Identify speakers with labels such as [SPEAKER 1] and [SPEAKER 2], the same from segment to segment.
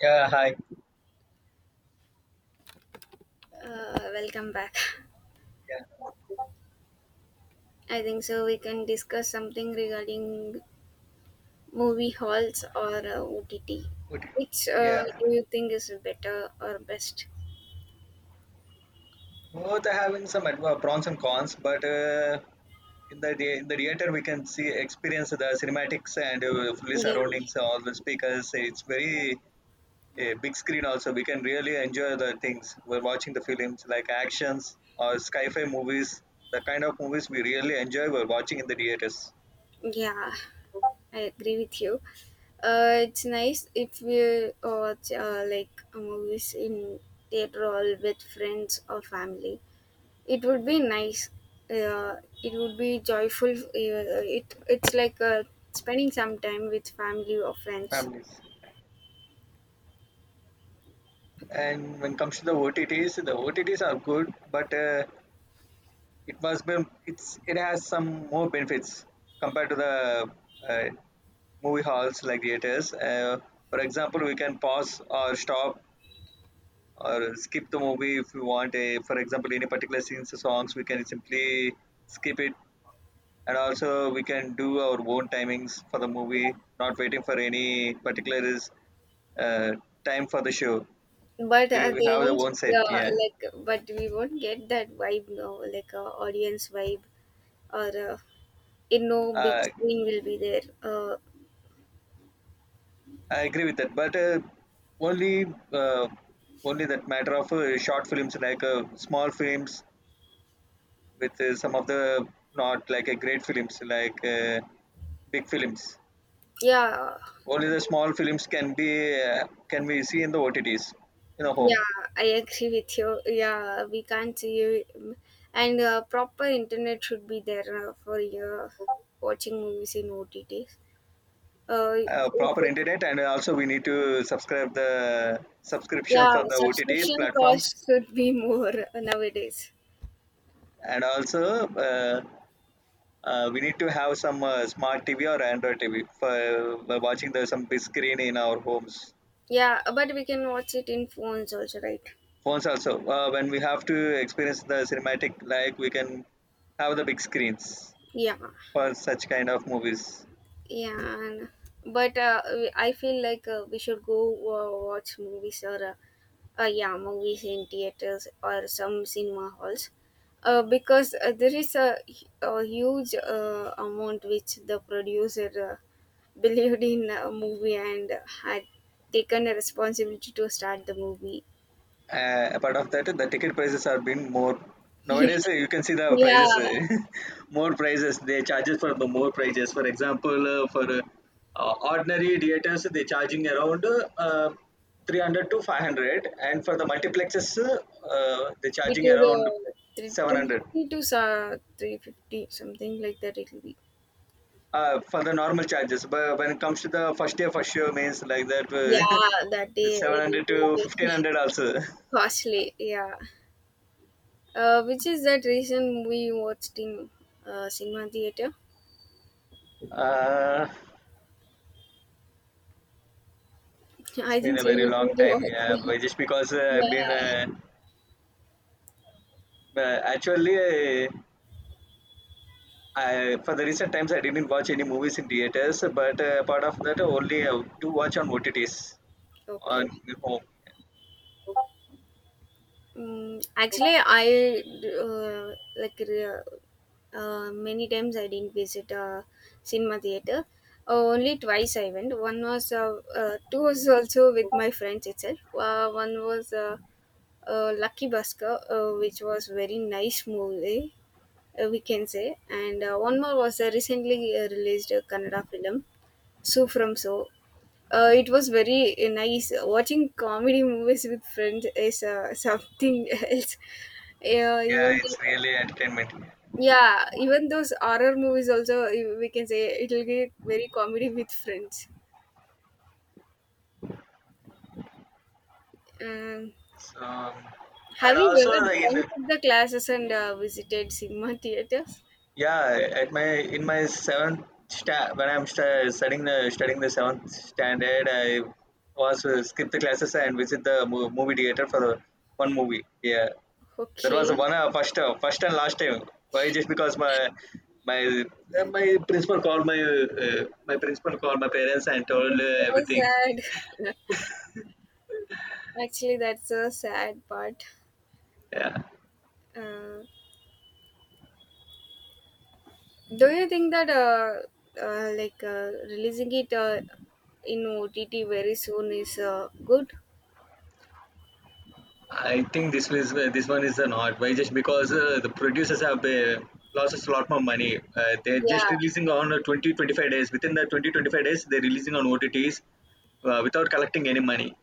[SPEAKER 1] Yeah, hi.
[SPEAKER 2] Welcome back.
[SPEAKER 1] Yeah,
[SPEAKER 2] I think so. We can discuss something regarding movie halls or OTT.
[SPEAKER 1] good.
[SPEAKER 2] Which
[SPEAKER 1] Yeah,
[SPEAKER 2] do you think is better or best?
[SPEAKER 1] both are having some adva pros and cons, but in the theater we can see experience the cinematics and fully
[SPEAKER 2] Yeah,
[SPEAKER 1] surroundings, all the speakers. It's very big screen also. We can really enjoy the things we're watching the films like actions or sci-fi movies. The kind of movies we really enjoy we're watching in the theaters,
[SPEAKER 2] yeah, I agree with you. It's nice if we watch movies in theater hall with friends or family. It would be nice. Uh, it would be joyful. It's like spending some time with family or friends.
[SPEAKER 1] families. And when it comes to the OTTs, the OTTs are good, but it was been it's it has some more benefits compared to the uh, movie halls like theaters, for example we can pause or stop or skip the movie if we want a for example any particular scenes or songs we can simply skip it, and also we can do our own timings for the movie, not waiting for any particular is uh, time for the show.
[SPEAKER 2] But
[SPEAKER 1] we, we
[SPEAKER 2] they
[SPEAKER 1] have the
[SPEAKER 2] won't
[SPEAKER 1] own set. Yeah,
[SPEAKER 2] But we won't get that vibe now, like audience vibe or in no big
[SPEAKER 1] uh,
[SPEAKER 2] screen will be there.
[SPEAKER 1] I agree with that, but only uh, only that matter of short films like small films with some of the not like a great films like big films.
[SPEAKER 2] Yeah
[SPEAKER 1] Only the small films can be see in the OTTs in a home.
[SPEAKER 2] yeah I agree with you, yeah. We can't see you, and proper internet should be there for watching movies in OTTs, if
[SPEAKER 1] Proper
[SPEAKER 2] it's,
[SPEAKER 1] internet, and also we need to subscribe the subscription
[SPEAKER 2] yeah.
[SPEAKER 1] for the OTTs
[SPEAKER 2] Subscription
[SPEAKER 1] platforms,
[SPEAKER 2] cost should be more nowadays.
[SPEAKER 1] and also we need to have some smart TV or Android TV for by watching the some big screen in our homes.
[SPEAKER 2] Yeah, but we can watch it in phones also, right?
[SPEAKER 1] Phones also. When we have to experience the cinematic, like we can have the big screens
[SPEAKER 2] Yeah.
[SPEAKER 1] for such kind of movies.
[SPEAKER 2] Yeah, and, I feel like we should go watch movies or yeah, movies in theaters or some cinema halls. Because there is a huge amount which the producer believed in a movie and had taken a responsibility to start the movie.
[SPEAKER 1] Apart of that, the ticket prices are being more nowadays.
[SPEAKER 2] Yeah,
[SPEAKER 1] You can see the prices,
[SPEAKER 2] it
[SPEAKER 1] more prices. They charges for the more prices. For example, for ordinary theaters, they charging around uh, 300 to 500, and for the multiplexes, they charging around
[SPEAKER 2] will
[SPEAKER 1] 700.
[SPEAKER 2] 350 to 350, something like that it will be.
[SPEAKER 1] For the normal charges, but when it comes to the first year means like that,
[SPEAKER 2] Yeah, that day
[SPEAKER 1] seven
[SPEAKER 2] it
[SPEAKER 1] hundred
[SPEAKER 2] will
[SPEAKER 1] to
[SPEAKER 2] be
[SPEAKER 1] fifteen
[SPEAKER 2] very
[SPEAKER 1] hundred also.
[SPEAKER 2] costly. Yeah. Which is that reason we watched in cinema theater.
[SPEAKER 1] Uh, It's
[SPEAKER 2] I
[SPEAKER 1] been
[SPEAKER 2] think
[SPEAKER 1] a
[SPEAKER 2] so.
[SPEAKER 1] very
[SPEAKER 2] You need
[SPEAKER 1] long time,
[SPEAKER 2] to
[SPEAKER 1] yeah.
[SPEAKER 2] watch.
[SPEAKER 1] But just because I've been
[SPEAKER 2] Yeah.
[SPEAKER 1] uh, actually, I for the recent times I didn't watch any movies in theaters, but part of that only to watch on OTTs
[SPEAKER 2] Okay.
[SPEAKER 1] on home.
[SPEAKER 2] Mm, actually, I uh, like re- many times I didn't visit a cinema theater. Only twice I went. One was two was also with my friends itself. One was Lucky Busker, which was very nice movie, we can say. And one more was a recently released Kannada film, So From So. It was very nice. Watching comedy movies with friends is something else. Yeah,
[SPEAKER 1] Yeah,
[SPEAKER 2] even
[SPEAKER 1] it's really entertainment.
[SPEAKER 2] yeah, even those horror movies also we can say it will be very comedy with friends. Um,
[SPEAKER 1] So,
[SPEAKER 2] have
[SPEAKER 1] and
[SPEAKER 2] you
[SPEAKER 1] also
[SPEAKER 2] ever
[SPEAKER 1] the
[SPEAKER 2] gone
[SPEAKER 1] in
[SPEAKER 2] to the classes and visited cinema theaters?
[SPEAKER 1] yeah at my seventh when I'm studying the seventh standard, I was skip the classes and visit the movie theater for one movie. Yeah. That was
[SPEAKER 2] Okay.
[SPEAKER 1] one first and last time. Why? Just because my my principal called my principal called my parents and told
[SPEAKER 2] So
[SPEAKER 1] everything.
[SPEAKER 2] sad. Actually, that's a sad part.
[SPEAKER 1] Yeah,
[SPEAKER 2] Uh, do you think that releasing it in OTT very soon is good?
[SPEAKER 1] I think this one is an odd. Why? Just because the producers have lost us a lot more money. They're just
[SPEAKER 2] Yeah,
[SPEAKER 1] releasing on 20 25 days. Within the 20 25 days, they're releasing on OTTs without collecting any money.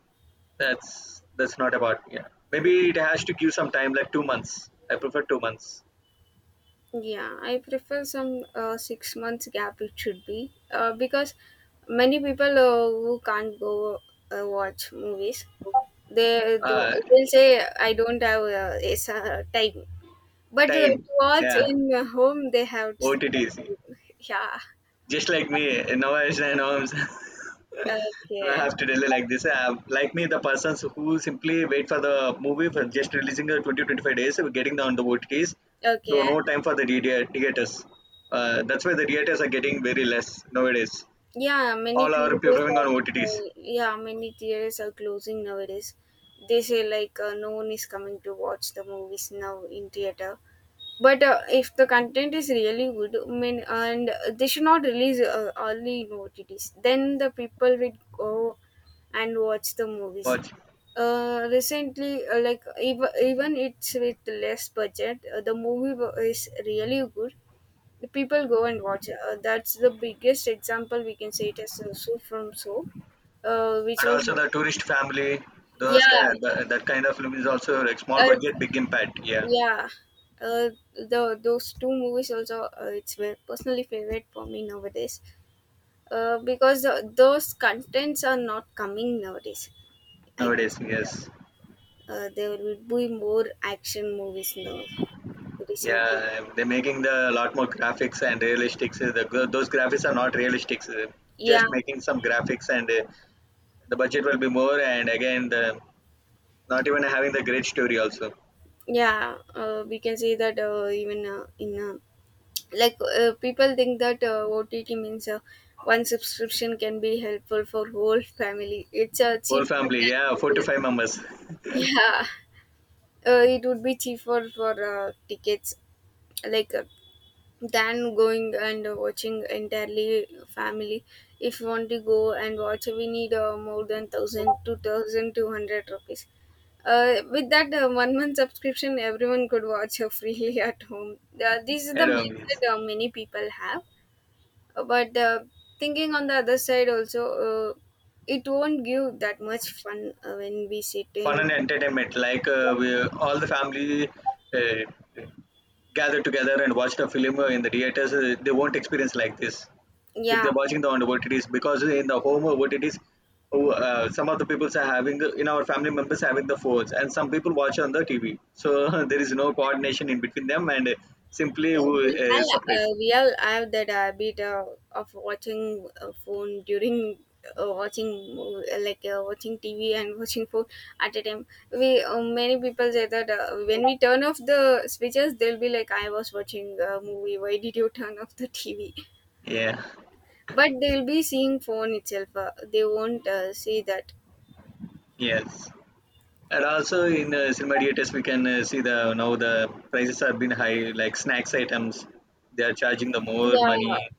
[SPEAKER 1] That's not about. Yeah, maybe it has to give some time, like 2 months. I prefer 2 months.
[SPEAKER 2] yeah. I prefer some 6 months gap. It should be because many people who can't go watch movies, they'll
[SPEAKER 1] Uh,
[SPEAKER 2] say I don't have time. But
[SPEAKER 1] Time.
[SPEAKER 2] to watch
[SPEAKER 1] Yeah.
[SPEAKER 2] in home, they have.
[SPEAKER 1] OTTs.
[SPEAKER 2] Yeah.
[SPEAKER 1] Just like me, innovation and homes. No, I
[SPEAKER 2] Okay.
[SPEAKER 1] have to tell you like this. Like me, the persons who simply wait for the movie for just releasing the 20 25 days, getting on the OTTs. So,
[SPEAKER 2] Okay.
[SPEAKER 1] no time for the theaters. That's why the theaters are getting very less nowadays.
[SPEAKER 2] Yeah, many
[SPEAKER 1] All are
[SPEAKER 2] theaters
[SPEAKER 1] preferring on
[SPEAKER 2] are
[SPEAKER 1] OTTs.
[SPEAKER 2] yeah, many theaters are closing nowadays. They say like no one is coming to watch the movies now in theater. But if the content is really good, I mean, and they should not release early in OTTs. Then the people will go and watch the movies.
[SPEAKER 1] Watch.
[SPEAKER 2] Recently, even it's with less budget, is really good, the people go and watch. That's the biggest example we can say it is, So From So, uh, which
[SPEAKER 1] And
[SPEAKER 2] was
[SPEAKER 1] also the tourist family, those
[SPEAKER 2] yeah,
[SPEAKER 1] kind, that kind of film is also like small budget,
[SPEAKER 2] uh,
[SPEAKER 1] big impact. Yeah,
[SPEAKER 2] yeah. Uh, the those two movies also, it's my personally favorite for me nowadays. Because those contents are not coming nowadays, I can say
[SPEAKER 1] nowadays, yes.
[SPEAKER 2] that. There will be more action movies now recently.
[SPEAKER 1] Yeah, they're making the lot more graphics and realistics. The, those graphics are not realistics.
[SPEAKER 2] Yeah,
[SPEAKER 1] Just making some graphics and the budget will be more. And again, the not even having the great story also.
[SPEAKER 2] yeah. We can say that even in like people think that OTT means one subscription can be helpful for whole family. It's cheap.
[SPEAKER 1] Whole family, yeah, four to five members.
[SPEAKER 2] Yeah, it would be cheaper for tickets, like uh, than going and watching entirely family. If you want to go and watch, we need more than 1,000 to 1,200 rupees. With that 1 month subscription, everyone could watch freely at home. This is the
[SPEAKER 1] and
[SPEAKER 2] mindset many people have, but thinking on the other side also, it won't give that much fun when we sit
[SPEAKER 1] fun
[SPEAKER 2] in.
[SPEAKER 1] and entertainment. Like all the family uh, gather together and watch the film in the theaters, they won't experience like this if
[SPEAKER 2] Yeah,
[SPEAKER 1] they're watching the on OTTs, because in the home OTTs, some of the people are having in our family members having the phones, and some people watch on the TV. So there is no coordination in between them, and simply who
[SPEAKER 2] we have,
[SPEAKER 1] separate.
[SPEAKER 2] we all have that habit of watching phone during watching mov- like watching TV and watching phone at a time. We Many people say that when we turn off the switches they'll be like, I was watching a movie, why did you turn off the TV,
[SPEAKER 1] Yeah.
[SPEAKER 2] but they'll be seeing phone itself. They won't see that.
[SPEAKER 1] Yes. And also in cinema theaters, we can see the now the prices have been high, like snacks items. They are charging the more money.
[SPEAKER 2] Yeah.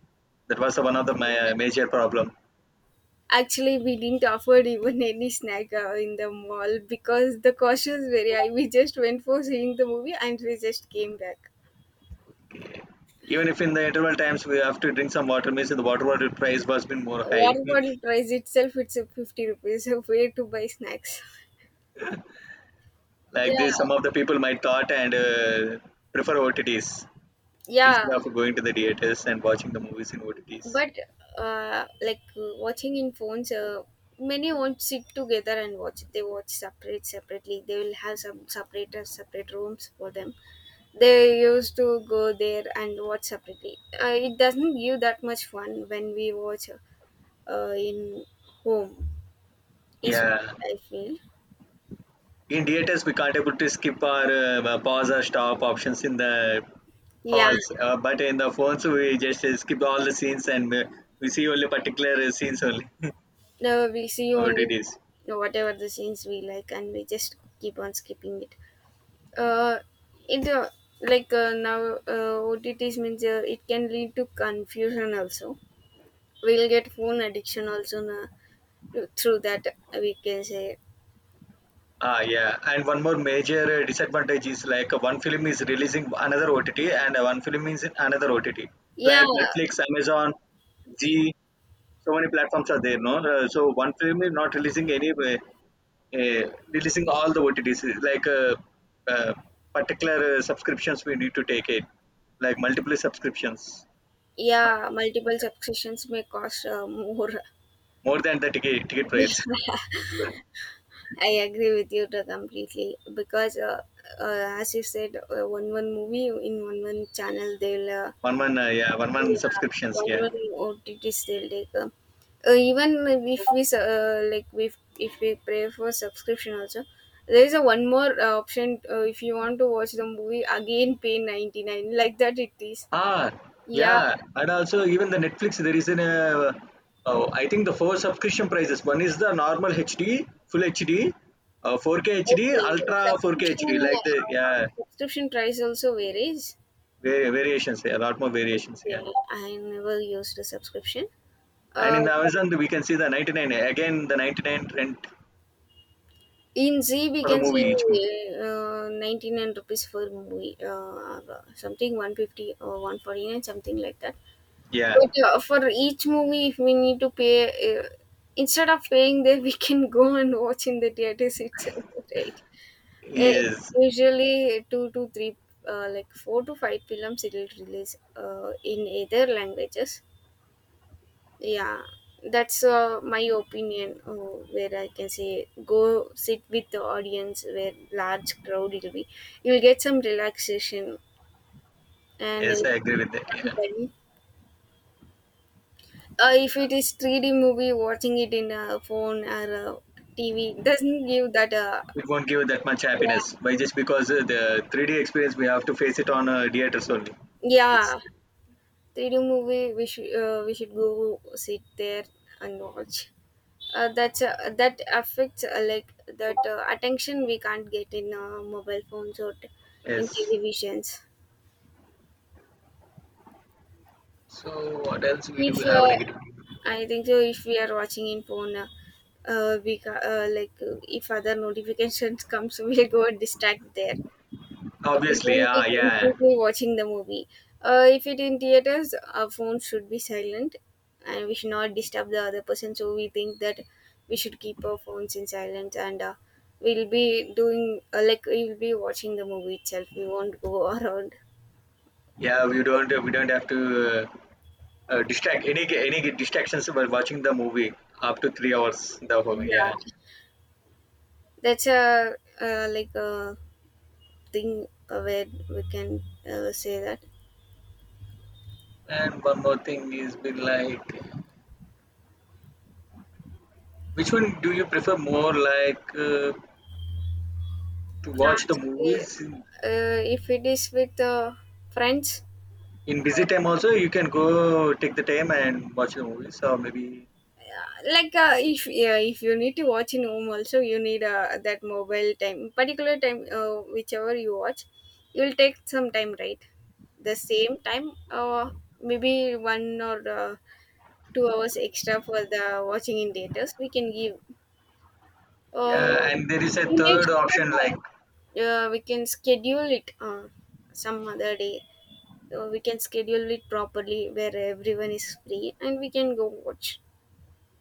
[SPEAKER 1] That was one of the major problem.
[SPEAKER 2] Actually, we didn't offer even any snack in the mall because the cost was very high. We just went for seeing the movie and we just came back.
[SPEAKER 1] Even if in the interval times we have to drink some water, means the water bottle price was been more high.
[SPEAKER 2] One bottle price itself, it's a 50 rupees. So where to buy snacks? Yeah,
[SPEAKER 1] Like this, some of the people might thought, and prefer OTTs
[SPEAKER 2] yeah.
[SPEAKER 1] instead of going to the theaters and watching the movies in OTTs.
[SPEAKER 2] But like watching in phones, many won't sit together and watch. They watch separate separately. They will have some separate separate rooms for them. They used to go there and watch separately. It doesn't give that much fun when we watch in home, is
[SPEAKER 1] Yeah,
[SPEAKER 2] what I feel.
[SPEAKER 1] in theaters we can't able to skip our pause or stop options in the
[SPEAKER 2] Yeah,
[SPEAKER 1] halls, but in the phones we just skip all the scenes, and we see only particular scenes only.
[SPEAKER 2] no, we see only
[SPEAKER 1] OTTs.
[SPEAKER 2] whatever the scenes we like and we just keep on skipping it. Uh, it uh, Now, OTTs means it can lead to confusion also. We'll get phone addiction also, na, through that we can say.
[SPEAKER 1] Ah, yeah, and one more major disadvantage is like one film is releasing another OTT, and one film is in another OTT.
[SPEAKER 2] Yeah.
[SPEAKER 1] Like Netflix, Amazon, G, so many platforms are there, no? So one film is not releasing any, releasing all the OTTs. Like uh, particular subscriptions we need to take it, like multiple subscriptions, not
[SPEAKER 2] Yeah,
[SPEAKER 1] just one.
[SPEAKER 2] multiple subscriptions may cost more.
[SPEAKER 1] More than the ticket price.
[SPEAKER 2] Yeah, I agree with you to completely because, as you said, one movie in one channel they'll
[SPEAKER 1] 1 month, yeah, 1 month
[SPEAKER 2] yeah
[SPEAKER 1] subscriptions,
[SPEAKER 2] one
[SPEAKER 1] yeah.
[SPEAKER 2] one OTTs they'll take. Even if we s- like if we pray for subscription also, there is a one more option. If you want to watch the movie again pay 99, like that it is.
[SPEAKER 1] Ah,
[SPEAKER 2] Yeah.
[SPEAKER 1] yeah, and also even the Netflix, there is an oh, I think the four subscription prices. One is the normal HD, full HD, 4K HD,
[SPEAKER 2] Okay,
[SPEAKER 1] Ultra 4K
[SPEAKER 2] subscription
[SPEAKER 1] HD, like the
[SPEAKER 2] uh,
[SPEAKER 1] yeah
[SPEAKER 2] subscription price also varies.
[SPEAKER 1] variations, yeah, a lot more variations, yeah.
[SPEAKER 2] Okay, I never used a subscription.
[SPEAKER 1] And in the
[SPEAKER 2] But
[SPEAKER 1] Amazon, we can see the 99 again, the 99 rent
[SPEAKER 2] in Z we
[SPEAKER 1] for the
[SPEAKER 2] can
[SPEAKER 1] movie,
[SPEAKER 2] see
[SPEAKER 1] each movie.
[SPEAKER 2] 99 rupees for movie, something 150 or 149, something like that.
[SPEAKER 1] Yeah,
[SPEAKER 2] But for each movie, if we need to pay, instead of paying there, we can go and watch in the theaters itself, right? Eh,
[SPEAKER 1] yes,
[SPEAKER 2] Usually, two to three, four to five films, it'll release in either languages. Yeah, that's my opinion. Where I can say, go sit with the audience, where large crowd it'll be, you'll get some relaxation and.
[SPEAKER 1] yes, I agree with that. Yeah,
[SPEAKER 2] Sometime if it is 3D movie, watching it in a phone or a TV doesn't give that.
[SPEAKER 1] it won't give that much
[SPEAKER 2] Yeah,
[SPEAKER 1] happiness, by just because the 3D experience we have to face it on theaters only. It's
[SPEAKER 2] yeah. 3D movie, we should go sit there and watch. That affects that attention we can't get in mobile phones or t- in
[SPEAKER 1] yes.
[SPEAKER 2] televisions.
[SPEAKER 1] So what else we do
[SPEAKER 2] If
[SPEAKER 1] have negativity?
[SPEAKER 2] I think so, if we are watching in phone, we ca- like if other notifications comes, we go and distract there. We
[SPEAKER 1] Obviously,
[SPEAKER 2] won't be
[SPEAKER 1] yeah, yeah,
[SPEAKER 2] completely watching the movie. If it in theaters, our phones should be silent, and we should not disturb the other person. So we think that we should keep our phones in silence, and we'll be doing we'll be watching the movie itself. We won't go around.
[SPEAKER 1] yeah. We don't have to uh, distract any distractions while watching the movie up to 3 hours. The whole
[SPEAKER 2] Yeah,
[SPEAKER 1] yeah.
[SPEAKER 2] that's a a thing where we can say that.
[SPEAKER 1] And one more thing is been like, which one do you prefer more, like to watch the
[SPEAKER 2] Actually,
[SPEAKER 1] movies
[SPEAKER 2] if it is with friends,
[SPEAKER 1] in busy time also? You can go take the time and watch the movies, or maybe
[SPEAKER 2] like if yeah, if you need to watch in home also you need that mobile time, particular time whichever you watch, you'll take some time, right? The same time maybe one or 2 hours extra for the watching in theaters we can give.
[SPEAKER 1] Mm.
[SPEAKER 2] uh,
[SPEAKER 1] yeah. And there is a
[SPEAKER 2] we make
[SPEAKER 1] third
[SPEAKER 2] sure that
[SPEAKER 1] option like,
[SPEAKER 2] yeah, we can schedule it some other day, so we can schedule it properly where everyone is free and we can go watch.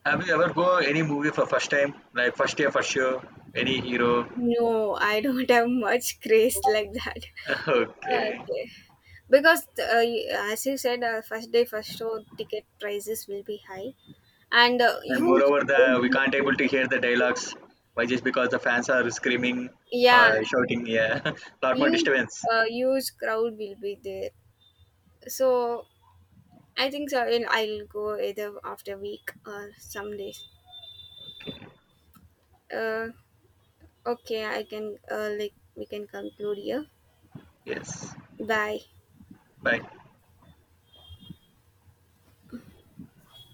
[SPEAKER 1] have you ever go any movie for first time? Like first year for sure, any hero.
[SPEAKER 2] No, I don't have much craze like that.
[SPEAKER 1] Okay.
[SPEAKER 2] Okay, because as you said, first day first show ticket prices will be high, and
[SPEAKER 1] And
[SPEAKER 2] huge
[SPEAKER 1] moreover,
[SPEAKER 2] crowd
[SPEAKER 1] the we
[SPEAKER 2] will
[SPEAKER 1] can't
[SPEAKER 2] be
[SPEAKER 1] able to hear the
[SPEAKER 2] there.
[SPEAKER 1] dialogues. Why just because the fans are screaming,
[SPEAKER 2] Yeah,
[SPEAKER 1] shouting. Yeah, lot more
[SPEAKER 2] huge,
[SPEAKER 1] disturbance.
[SPEAKER 2] Huge crowd will be there. So I think so. I'll go either after week or some days. Uh, okay, I can like we can conclude here.
[SPEAKER 1] Yes.
[SPEAKER 2] Bye.
[SPEAKER 1] Bye.